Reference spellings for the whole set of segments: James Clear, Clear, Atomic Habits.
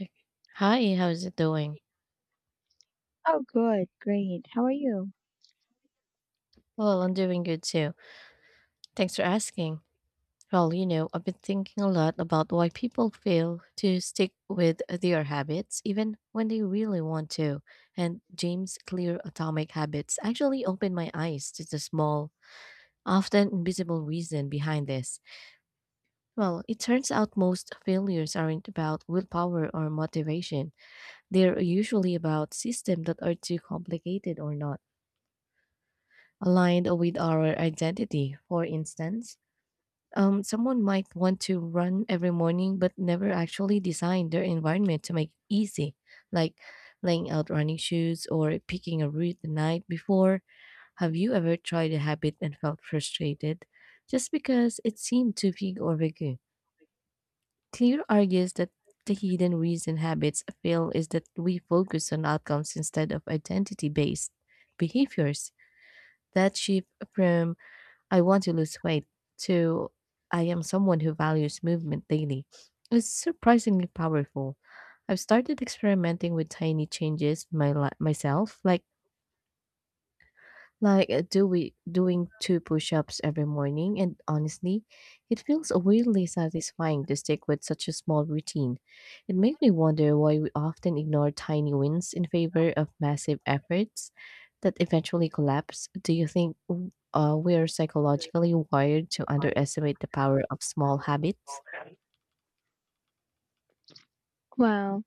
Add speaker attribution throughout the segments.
Speaker 1: Okay. Hi, how's it doing?
Speaker 2: Oh, good, great. How are you?
Speaker 1: Well, I'm doing good too. Thanks for asking. Well, you know, I've been thinking a lot about why people fail to stick with their habits even when they really want to. And James Clear Atomic Habits actually opened my eyes to the small, often invisible reason behind this. Well, it turns out most failures aren't about willpower or motivation. They're usually about systems that are too complicated or not aligned with our identity. For instance, someone might want to run every morning but never actually design their environment to make it easy, like laying out running shoes or picking a route the night before. Have you ever tried a habit and felt frustrated just because it seemed too big or vague? Clear argues that the hidden reason habits fail is that we focus on outcomes instead of identity based behaviors. That shift from I want to lose weight to I am someone who values movement daily. It's surprisingly powerful. I've started experimenting with tiny changes in myself, like do we doing two push-ups every morning, and honestly it feels weirdly satisfying to stick with such a small routine. It makes me wonder why we often ignore tiny wins in favor of massive efforts that eventually collapse. Do you think we are psychologically wired to underestimate the power of small habits?
Speaker 2: Well,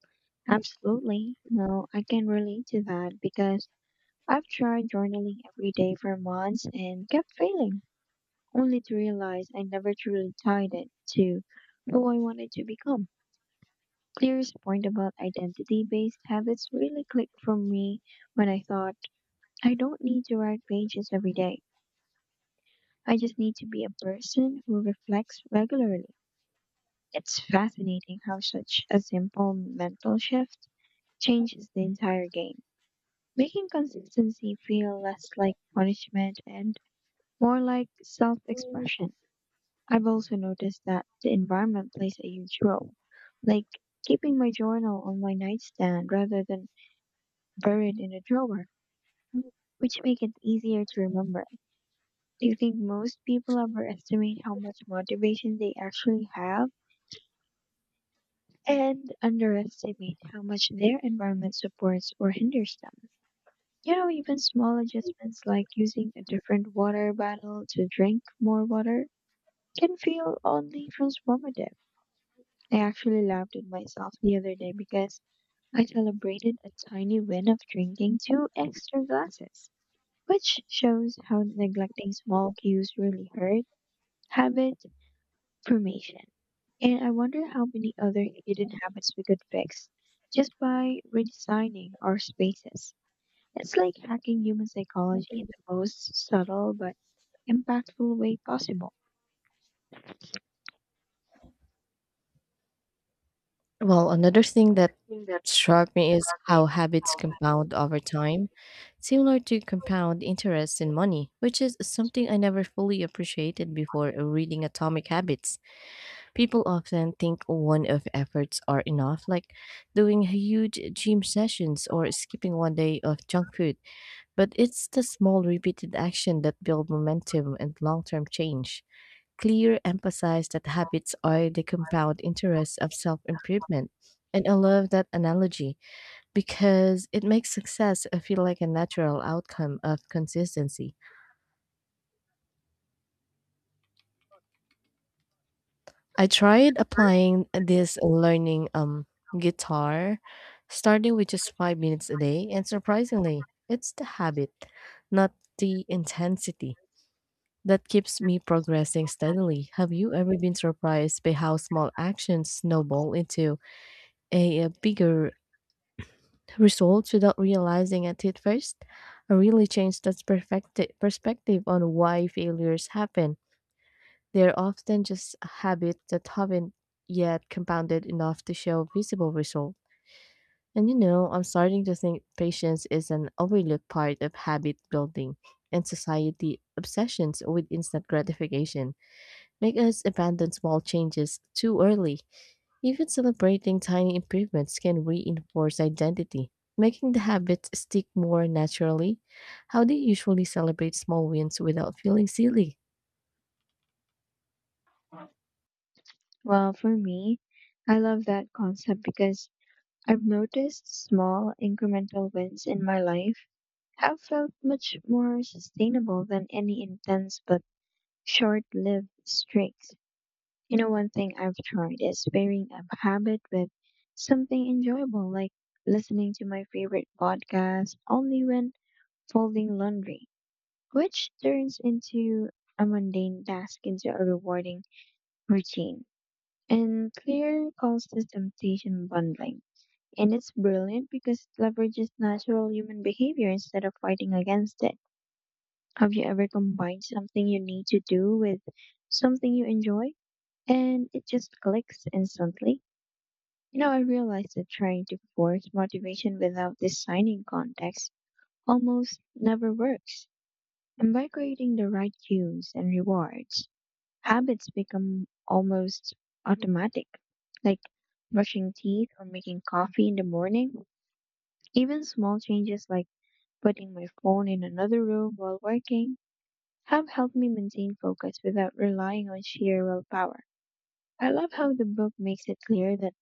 Speaker 2: absolutely. No, I can relate to that because I've tried journaling every day for months and kept failing, only to realize I never truly tied it to who I wanted to become. Clear's point about identity-based habits really clicked for me when I thought, I don't need to write pages every day. I just need to be a person who reflects regularly. It's fascinating how such a simple mental shift changes the entire game, making consistency feel less like punishment and more like self expression. I've also noticed that the environment plays a huge role, like keeping my journal on my nightstand rather than buried in a drawer, which make it easier to remember. Do you think most people overestimate how much motivation they actually have and underestimate how much their environment supports or hinders them? You know, even small adjustments like using a different water bottle to drink more water can feel oddly transformative. I actually laughed at myself the other day because I celebrated a tiny win of drinking two extra glasses, which shows how neglecting small cues really hurt habit formation. And I wonder how many other hidden habits we could fix just by redesigning our spaces. It's like hacking human psychology in the most subtle but impactful way possible.
Speaker 1: Well, another thing that struck me is how habits compound over time, similar to compound interest in money, which is something I never fully appreciated before reading Atomic Habits. People often think one of efforts are enough, like doing huge gym sessions or skipping one day of junk food, but it's the small repeated action that build momentum and long-term change. Clear emphasized that habits are the compound interest of self improvement. And I love that analogy because it makes success feel like a natural outcome of consistency. I tried applying this learning guitar, starting with just 5 minutes a day, and surprisingly, it's the habit, not the intensity, that keeps me progressing steadily. Have you ever been surprised by how small actions snowball into bigger results without realizing it at first? I really changed that perspective on why failures happen. They're often just habits that haven't yet compounded enough to show visible results. And you know, I'm starting to think patience is an overlooked part of habit building, and society obsessions with instant gratification make us abandon small changes too early. Even celebrating tiny improvements can reinforce identity, making the habits stick more naturally. How do you usually celebrate small wins without feeling silly?
Speaker 2: Well, for me, I love that concept because I've noticed small incremental wins in my life have felt much more sustainable than any intense but short lived streaks. You know, one thing I've tried is pairing a habit with something enjoyable, like listening to my favorite podcast only when folding laundry, which turns into a mundane task into a rewarding routine. And Clear calls this temptation bundling. And it's brilliant because it leverages natural human behavior instead of fighting against it. Have you ever combined something you need to do with something you enjoy? And it just clicks instantly. You know, I realized that trying to force motivation without designing context almost never works. And by creating the right cues and rewards, habits become almost automatic, like brushing teeth or making coffee in the morning. Even small changes like putting my phone in another room while working have helped me maintain focus without relying on sheer willpower. I love how the book makes it clear that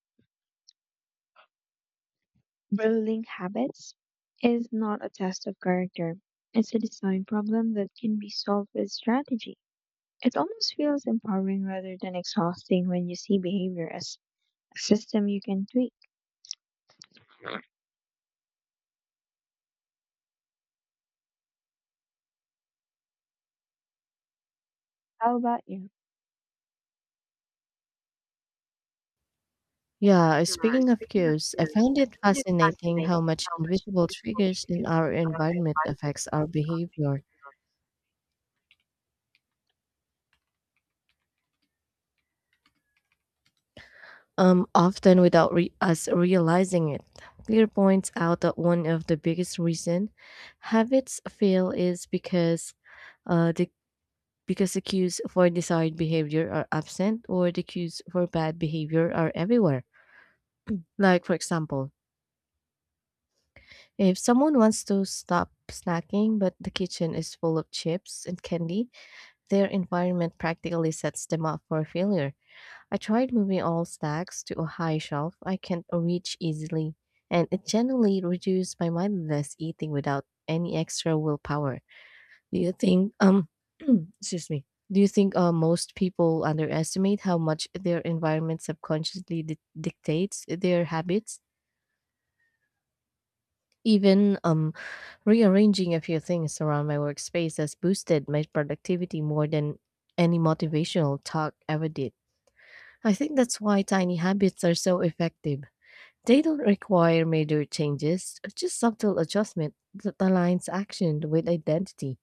Speaker 2: building habits is not a test of character. It's a design problem that can be solved with strategy. It almost feels empowering rather than exhausting when you see behavior as a system you can tweak. How about you?
Speaker 1: Yeah, speaking of cues, I found it fascinating how much invisible triggers in our environment affects our behavior, often without us realizing it. Clear points out that one of the biggest reason habits fail is uh, the because the cues for desired behavior are absent or the cues for bad behavior are everywhere. Like for example, if someone wants to stop snacking but the kitchen is full of chips and candy, their environment practically sets them up for failure. I tried moving all stacks to a high shelf I can reach easily, and it generally reduced my mindless eating without any extra willpower. Do you think excuse me. Do you think most people underestimate how much their environment subconsciously dictates their habits? Even rearranging a few things around my workspace has boosted my productivity more than any motivational talk ever did. I think that's why tiny habits are so effective. They don't require major changes, just subtle adjustment that aligns action with identity.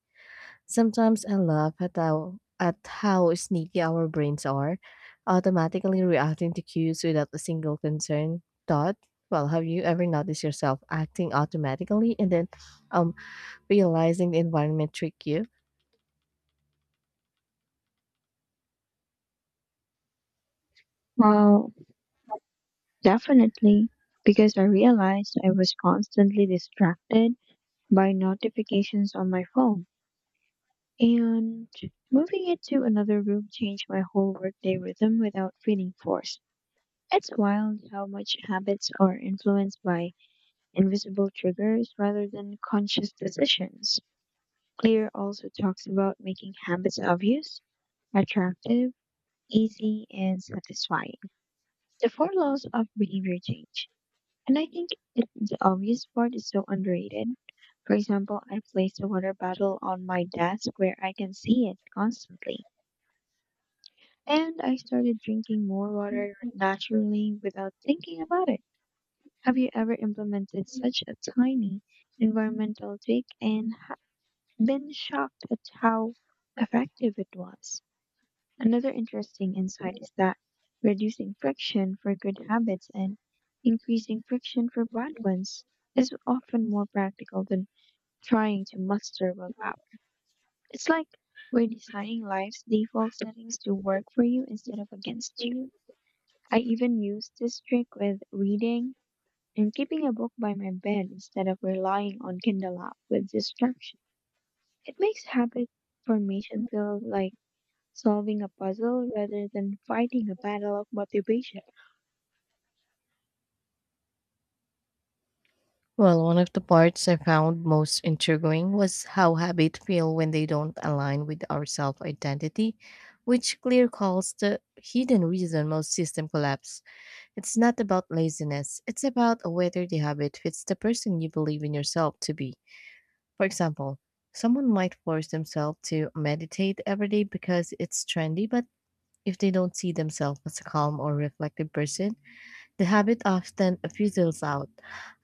Speaker 1: Sometimes I laugh at how sneaky our brains are, automatically reacting to cues without a single concern thought. Well, have you ever noticed yourself acting automatically and then um realizing the environment tricked you?
Speaker 2: Well, definitely, because I realized I was constantly distracted by notifications on my phone. And moving it to another room changed my whole workday rhythm without feeling forced. It's wild how much habits are influenced by invisible triggers rather than conscious decisions. Clear also talks about making habits obvious, attractive, easy, and satisfying. The four laws of behavior change. And I think it, the obvious part is so underrated. For example, I placed a water bottle on my desk where I can see it constantly. And I started drinking more water naturally without thinking about it. Have you ever implemented such a tiny environmental tweak and been shocked at how effective it was? Another interesting insight is that reducing friction for good habits and increasing friction for bad ones is often more practical than trying to muster willpower. It's like we're designing life's default settings to work for you instead of against you. I even use this trick with reading and keeping a book by my bed instead of relying on Kindle app with distraction. It makes habit formation feel like solving a puzzle rather than fighting a battle of motivation.
Speaker 1: Well, one of the parts I found most intriguing was how habits feel when they don't align with our self identity, which Clear calls the hidden reason most system collapse. It's not about laziness, it's about whether the habit fits the person you believe in yourself to be. For example, someone might force themselves to meditate every day because it's trendy, but if they don't see themselves as a calm or reflective person, the habit often fizzles out.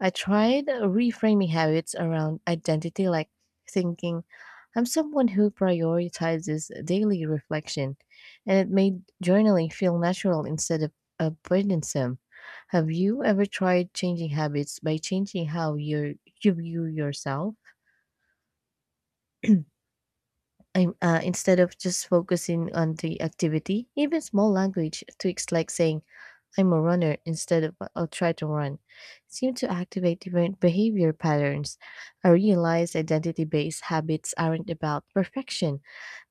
Speaker 1: I tried reframing habits around identity, like thinking, I'm someone who prioritizes daily reflection, and it made journaling feel natural instead of burdensome. Have you ever tried changing habits by changing how you view yourself? Instead of just focusing on the activity, even small language tweaks like saying, I'm a runner instead of I'll try to run, seem to activate different behavior patterns. I realize identity based habits aren't about perfection,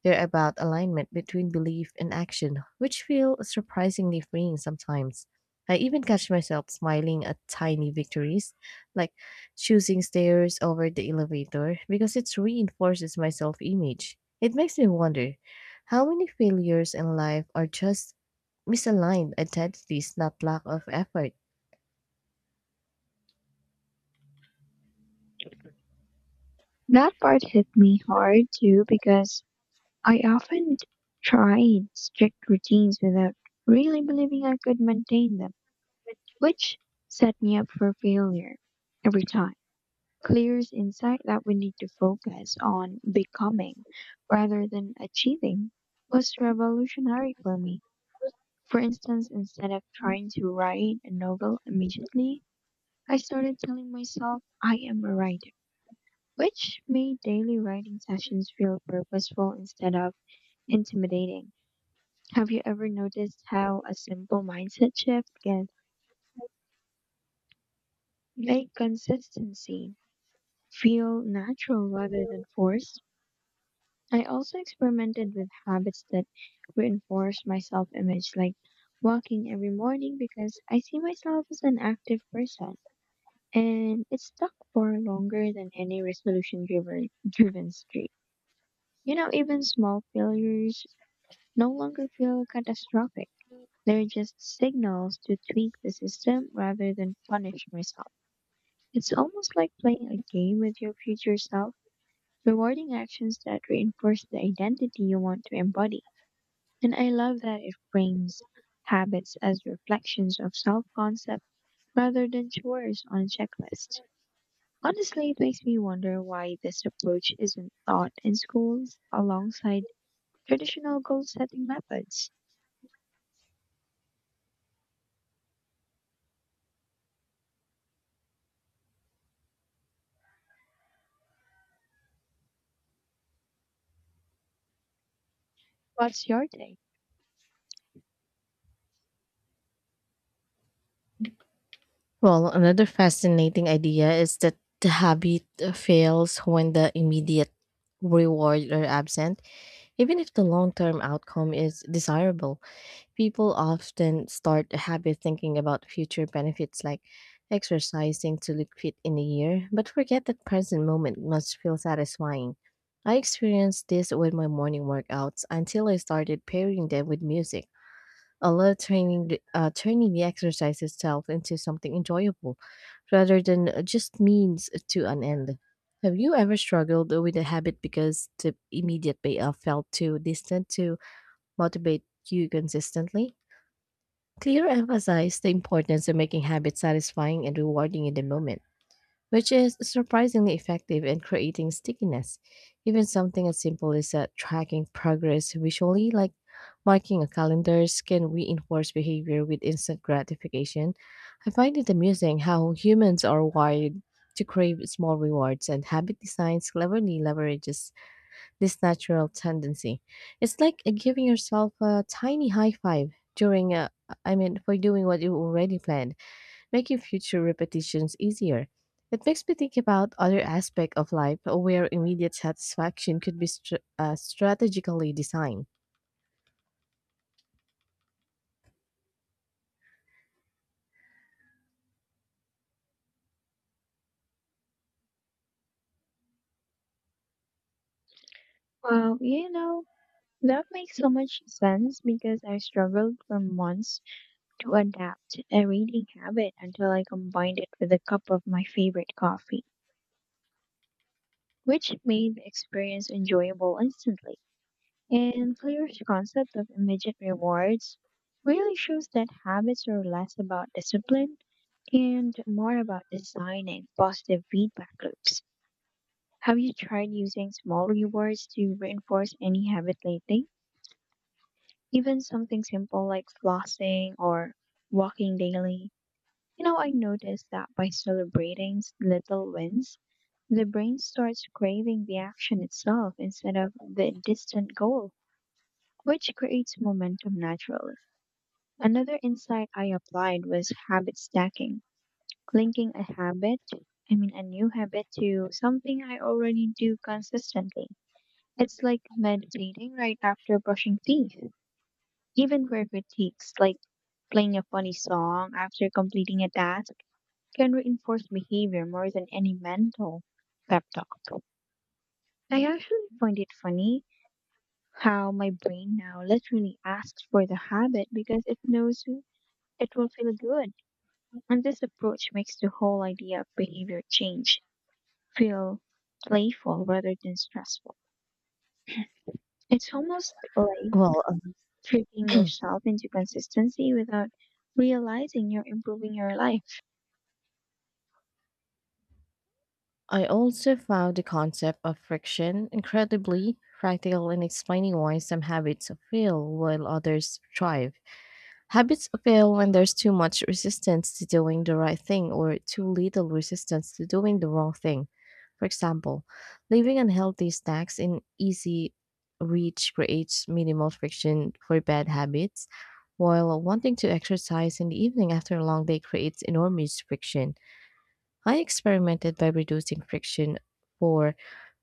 Speaker 1: they're about alignment between belief and action, which feel surprisingly freeing sometimes. I even catch myself smiling at tiny victories, like choosing stairs over the elevator, because it reinforces my self image. It makes me wonder how many failures in life are just misaligned identity, is not lack of effort.
Speaker 2: That part hit me hard too because I often tried strict routines without really believing I could maintain them, which set me up for failure every time. Clears insight that we need to focus on becoming rather than achieving was revolutionary for me. For instance, instead of trying to write a novel immediately, I started telling myself I am a writer, which made daily writing sessions feel purposeful instead of intimidating. Have you ever noticed how a simple mindset shift can make consistency feel natural rather than forced? I also experimented with habits that reinforce my self image, like walking every morning because I see myself as an active person. And it stuck for longer than any resolution driven streak. You know, even small failures no longer feel catastrophic. They're just signals to tweak the system rather than punish myself. It's almost like playing a game with your future self, rewarding actions that reinforce the identity you want to embody. And I love that it frames habits as reflections of self concept rather than chores on a checklist. Honestly, it makes me wonder why this approach isn't taught in schools alongside traditional goal setting methods. What's your take?
Speaker 1: Well, another fascinating idea is that the habit fails when the immediate reward are absent. Even if the long term outcome is desirable, people often start a habit thinking about future benefits like exercising to look fit in a year, but forget that present moment must feel satisfying. I experienced this with my morning workouts until I started pairing them with music. I love turning the exercise itself into something enjoyable rather than just means to an end. Have you ever struggled with a habit because the immediate payoff felt too distant to motivate you consistently? Clear emphasized the importance of making habits satisfying and rewarding in the moment, which is surprisingly effective in creating stickiness. Even something as simple as tracking progress visually, like marking a calendar, can reinforce behavior with instant gratification. I find it amusing how humans are wired to crave small rewards, and habit design cleverly leverages this natural tendency. It's like giving yourself a tiny high five during a I mean, for doing what you already planned, making future repetitions easier. It makes me think about other aspects of life where immediate satisfaction could be strategically designed.
Speaker 2: Well, you know, that makes so much sense because I struggled for months to adapt a reading habit until I combined it with a cup of my favorite coffee, which made the experience enjoyable instantly. And Clear's concept of immediate rewards really shows that habits are less about discipline and more about designing positive feedback loops. Have you tried using small rewards to reinforce any habit lately? Even something simple like flossing or walking daily. You know, I noticed that by celebrating little wins, the brain starts craving the action itself instead of the distant goal, which creates momentum naturally. Another insight I applied was habit stacking, linking a habit, I mean, a new habit to something I already do consistently. It's like meditating right after brushing teeth. Even weird critiques, like playing a funny song after completing a task, can reinforce behavior more than any mental pep talk. I actually find it funny how my brain now literally asks for the habit because it knows it will feel good. And this approach makes the whole idea of behavior change feel playful rather than stressful. It's almost like
Speaker 1: Well, um,
Speaker 2: tricking yourself into consistency without realizing you're improving your life.
Speaker 1: I also found the concept of friction incredibly practical in explaining why some habits fail while others thrive. Habits fail when there's too much resistance to doing the right thing or too little resistance to doing the wrong thing. For example, leaving unhealthy snacks in easy reach creates minimal friction for bad habits, while wanting to exercise in the evening after a long day creates enormous friction. I experimented by reducing friction for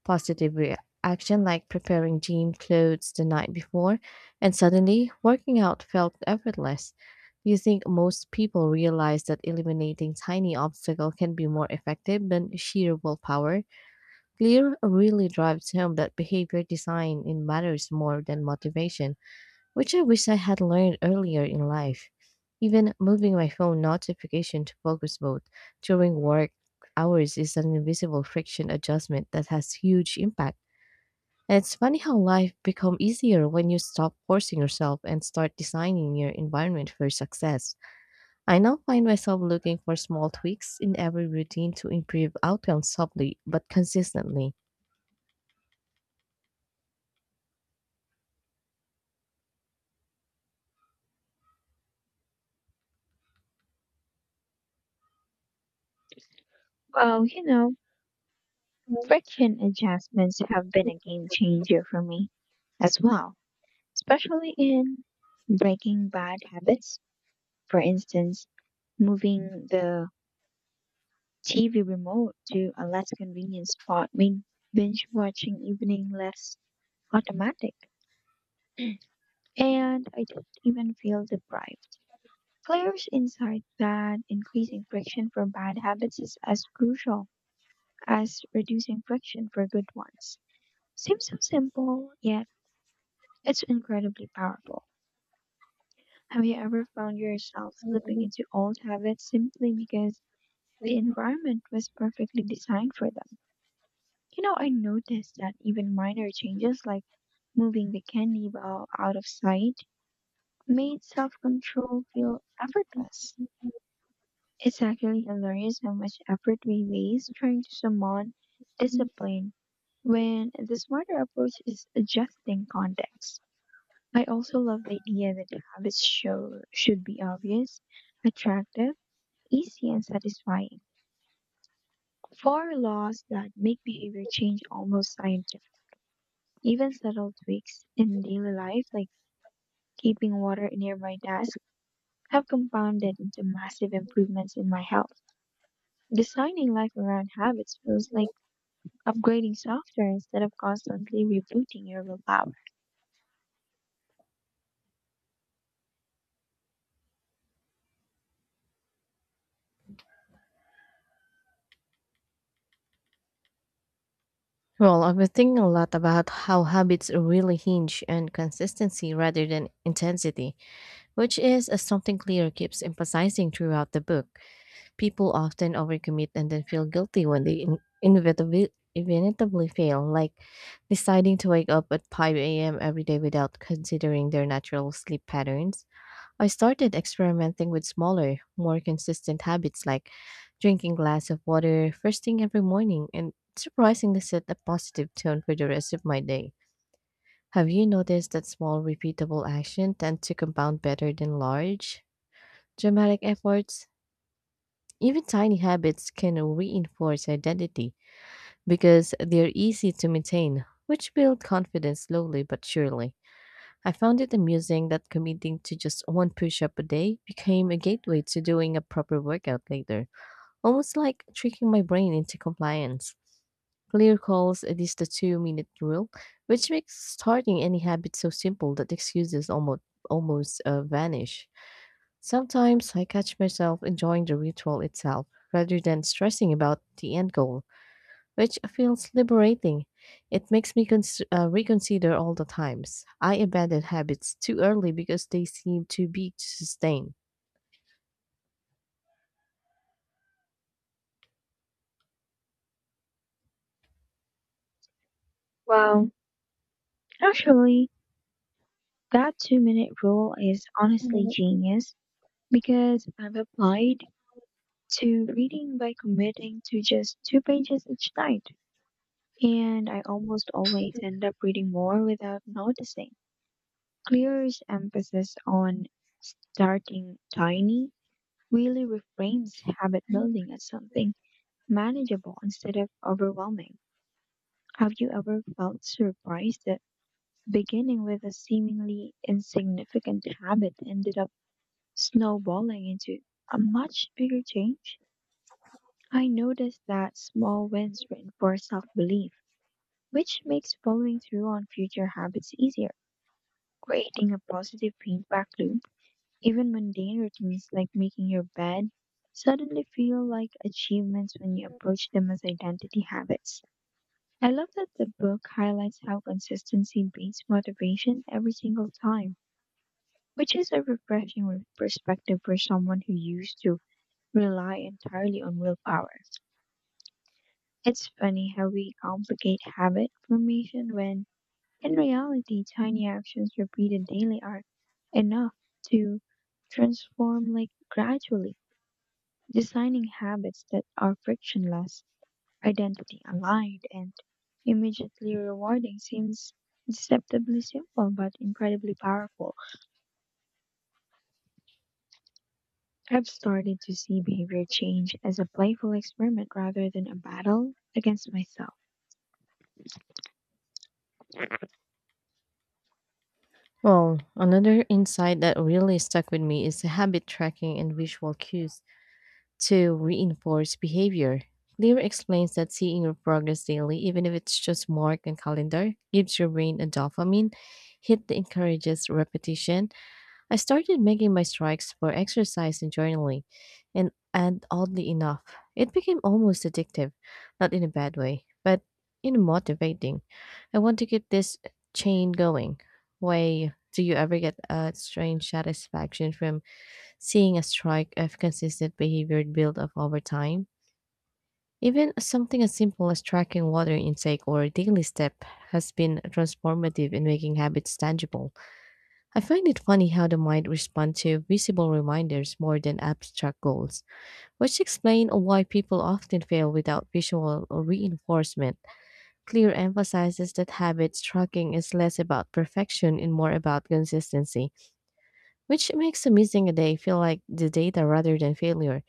Speaker 1: positive reaction like preparing gym clothes the night before, and suddenly working out felt effortless. Do you think most people realize that eliminating tiny obstacles can be more effective than sheer willpower? Clear really drives home that behavior design in matters more than motivation, which I wish I had learned earlier in life. Even moving my phone notification to focus mode during work hours is an invisible friction adjustment that has huge impact. It's funny how life becomes easier when you stop forcing yourself and start designing your environment for success. I now find myself looking for small tweaks in every routine to improve outcomes subtly but consistently.
Speaker 2: Well, you know, friction adjustments have been a game changer for me as well, especially in breaking bad habits. For instance, moving the TV remote to a less convenient spot made binge watching evening less automatic, and I didn't even feel deprived. Claire's insight that increasing friction for bad habits is as crucial as reducing friction for good ones seems so simple, yet it's incredibly powerful. Have you ever found yourself slipping into old habits simply because the environment was perfectly designed for them? You know, I noticed that even minor changes like moving the candy bar out of sight made self control feel effortless. It's actually hilarious how much effort we waste trying to summon discipline when the smarter approach is adjusting context. I also love the idea that habits show, should be obvious, attractive, easy, and satisfying. For laws that make behavior change almost scientific, even subtle tweaks in daily life, like keeping water near my desk have compounded into massive improvements in my health. Designing life around habits feels like upgrading software instead of constantly rebooting your willpower.
Speaker 1: Well, I've been thinking a lot about how habits really hinge on consistency rather than intensity, which is something Clear keeps emphasizing throughout the book. People often overcommit and then feel guilty when they inevitably fail, like deciding to wake up at 5 a.m. every day without considering their natural sleep patterns. I started experimenting with smaller, more consistent habits like drinking glass of water first thing every morning, and surprisingly set a positive tone for the rest of my day. Have you noticed that small repeatable action tend to compound better than large dramatic efforts? Even tiny habits can reinforce identity because they're easy to maintain, which build confidence slowly but surely. I found it amusing that committing to just one push up a day became a gateway to doing a proper workout later, almost like tricking my brain into compliance. Clear calls it is the 2 minute rule, which makes starting any habit so simple that excuses almost vanish. Sometimes I catch myself enjoying the ritual itself rather than stressing about the end goal, which feels liberating. It makes me reconsider all the times I abandoned habits too early because they seem too big to sustain.
Speaker 2: Well, actually, that 2-minute rule is honestly genius because I've applied to reading by committing to just two pages each night, and I almost always end up reading more without noticing. Clear's emphasis on starting tiny really reframes habit building as something manageable instead of overwhelming. Have you ever felt surprised that beginning with a seemingly insignificant habit ended up snowballing into a much bigger change? I noticed that small wins reinforce self belief, which makes following through on future habits easier, creating a positive feedback loop. Even mundane routines like making your bed suddenly feel like achievements when you approach them as identity habits. I love that the book highlights how consistency beats motivation every single time, which is a refreshing perspective for someone who used to rely entirely on willpower. It's funny how we complicate habit formation when, in reality, tiny actions repeated daily are enough to transform like gradually. Designing habits that are frictionless, identity aligned, and immediately rewarding seems deceptively simple but incredibly powerful. I've started to see behavior change as a playful experiment rather than a battle against myself.
Speaker 1: Well, another insight that really stuck with me is habit tracking and visual cues to reinforce behavior. Clear explains that seeing your progress daily, even if it's just mark and calendar, gives your brain a dopamine hit that encourages repetition. I started making my strikes for exercise and journaling, and, oddly enough, it became almost addictive, not in a bad way, but in motivating. I want to keep this chain going. Why do you ever get a strange satisfaction from seeing a streak of consistent behavior build up over time? Even something as simple as tracking water intake or daily step has been transformative in making habits tangible. I find it funny how the mind responds to visible reminders more than abstract goals, which explain why people often fail without visual reinforcement. Clear emphasizes that habit tracking is less about perfection and more about consistency, which makes missing a day feel like the data rather than failure.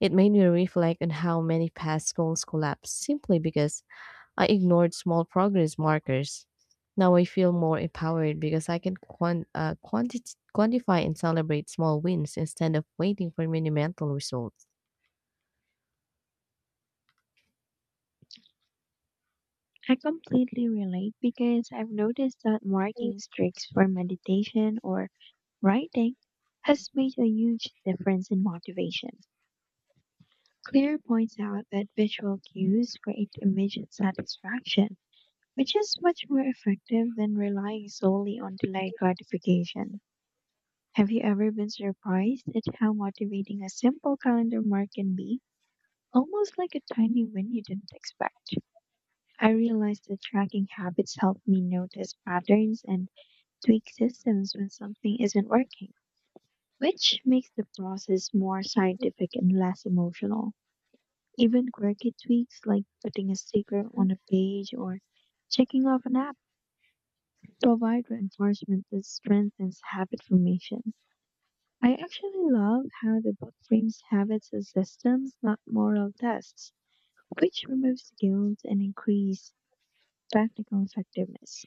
Speaker 1: It made me reflect on how many past goals collapsed simply because I ignored small progress markers. Now I feel more empowered because I can quantify and celebrate small wins instead of waiting for monumental results.
Speaker 2: I completely relate because I've noticed that marking streaks for meditation or writing has made a huge difference in motivation. Clear points out that visual cues create immediate satisfaction which is much more effective than relying solely on delayed gratification. Have you ever been surprised at how motivating a simple calendar mark can be? Almost like a tiny win you didn't expect. I realized that tracking habits helped me notice patterns and tweak systems when something isn't working, which makes the process more scientific and less emotional. Even quirky tweaks like putting a sticker on a page or checking off an app provide reinforcement that strengthens habit formation. I actually love how the book frames habits as systems, not moral tests, which removes guilt and increase practical effectiveness.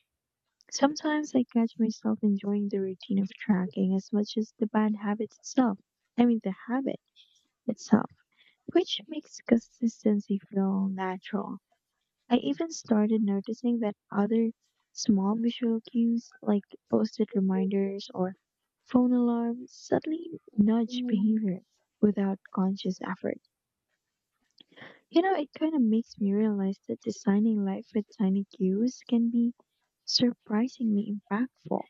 Speaker 2: Sometimes I catch myself enjoying the routine of tracking as much as the bad habit itself. I mean, the habit itself, which makes consistency feel natural. I even started noticing that other small visual cues like post it reminders or phone alarms suddenly nudge behavior without conscious effort. You know, it kind of makes me realize that designing life with tiny cues can be surprisingly impactful.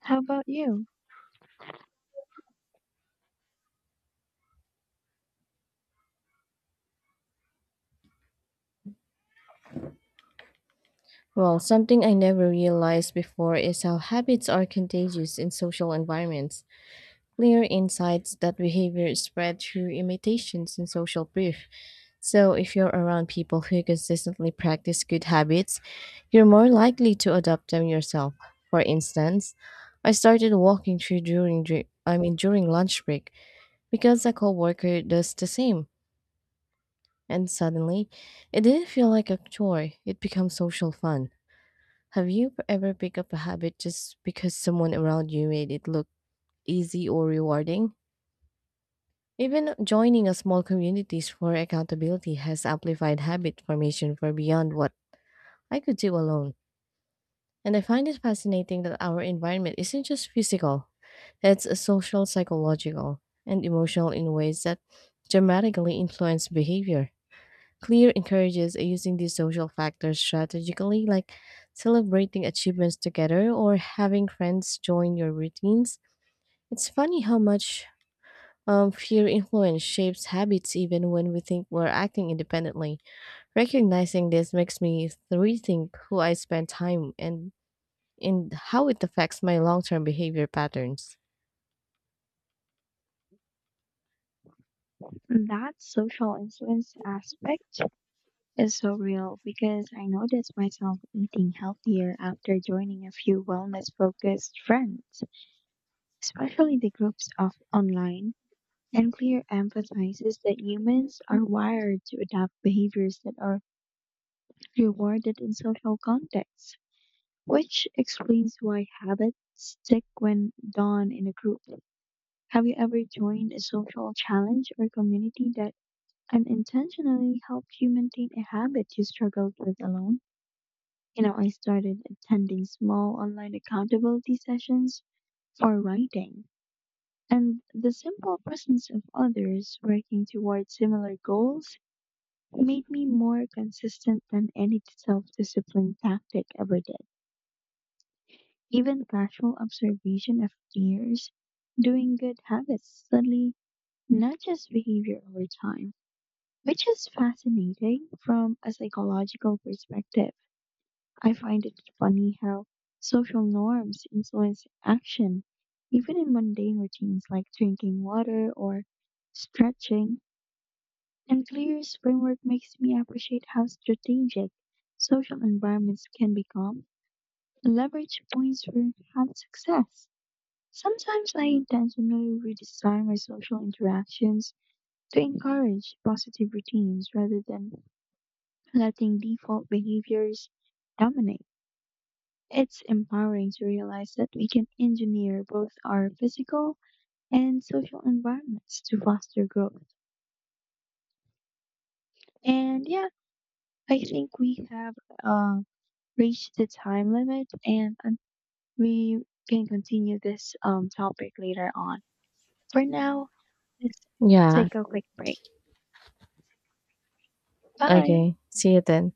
Speaker 2: How about you?
Speaker 1: Well, something I never realized before is how habits are contagious in social environments. Clear insights that behavior is spread through imitations and social proof. So, if you're around people who consistently practice good habits, you're more likely to adopt them yourself. For instance, I started walking through during dri- I mean during lunch break because a coworker does the same, and suddenly, it didn't feel like a chore. It becomes social fun. Have you ever picked up a habit just because someone around you made it look easy or rewarding? Even joining a small communities for accountability has amplified habit formation for beyond what I could do alone. And I find it fascinating that our environment isn't just physical, it's a social, psychological, and emotional in ways that dramatically influence behavior. Clear encourages using these social factors strategically, like celebrating achievements together or having friends join your routines. It's funny how much fear influence shapes habits even when we think we're acting independently. Recognizing this makes me rethink who I spend time and how it affects my long term behavior patterns.
Speaker 2: That social influence aspect is so real because I noticed myself eating healthier after joining a few wellness focused friends, especially the groups of online, and clear emphasizes that humans are wired to adopt behaviors that are rewarded in social contexts, which explains why habits stick when done in a group. Have you ever joined a social challenge or community that unintentionally helped you maintain a habit you struggled with alone? You know, I started attending small online accountability sessions for writing and the simple presence of others working toward similar goals made me more consistent than any self discipline tactic ever did. Even casual observation of peers doing good habits suddenly nudges behavior over time, which is fascinating from a psychological perspective. I find it funny how social norms influence action, even in mundane routines like drinking water or stretching. And Clear's framework makes me appreciate how strategic social environments can become leverage points for enhanced success. Sometimes I intentionally redesign my social interactions to encourage positive routines rather than letting default behaviors dominate. It's empowering to realize that we can engineer both our physical and social environments to foster growth. And yeah, I think we have uh, reached the time limit and we can continue this topic later on. For now, let's
Speaker 1: Yeah.
Speaker 2: take a quick break. Bye.
Speaker 1: Okay. See you then.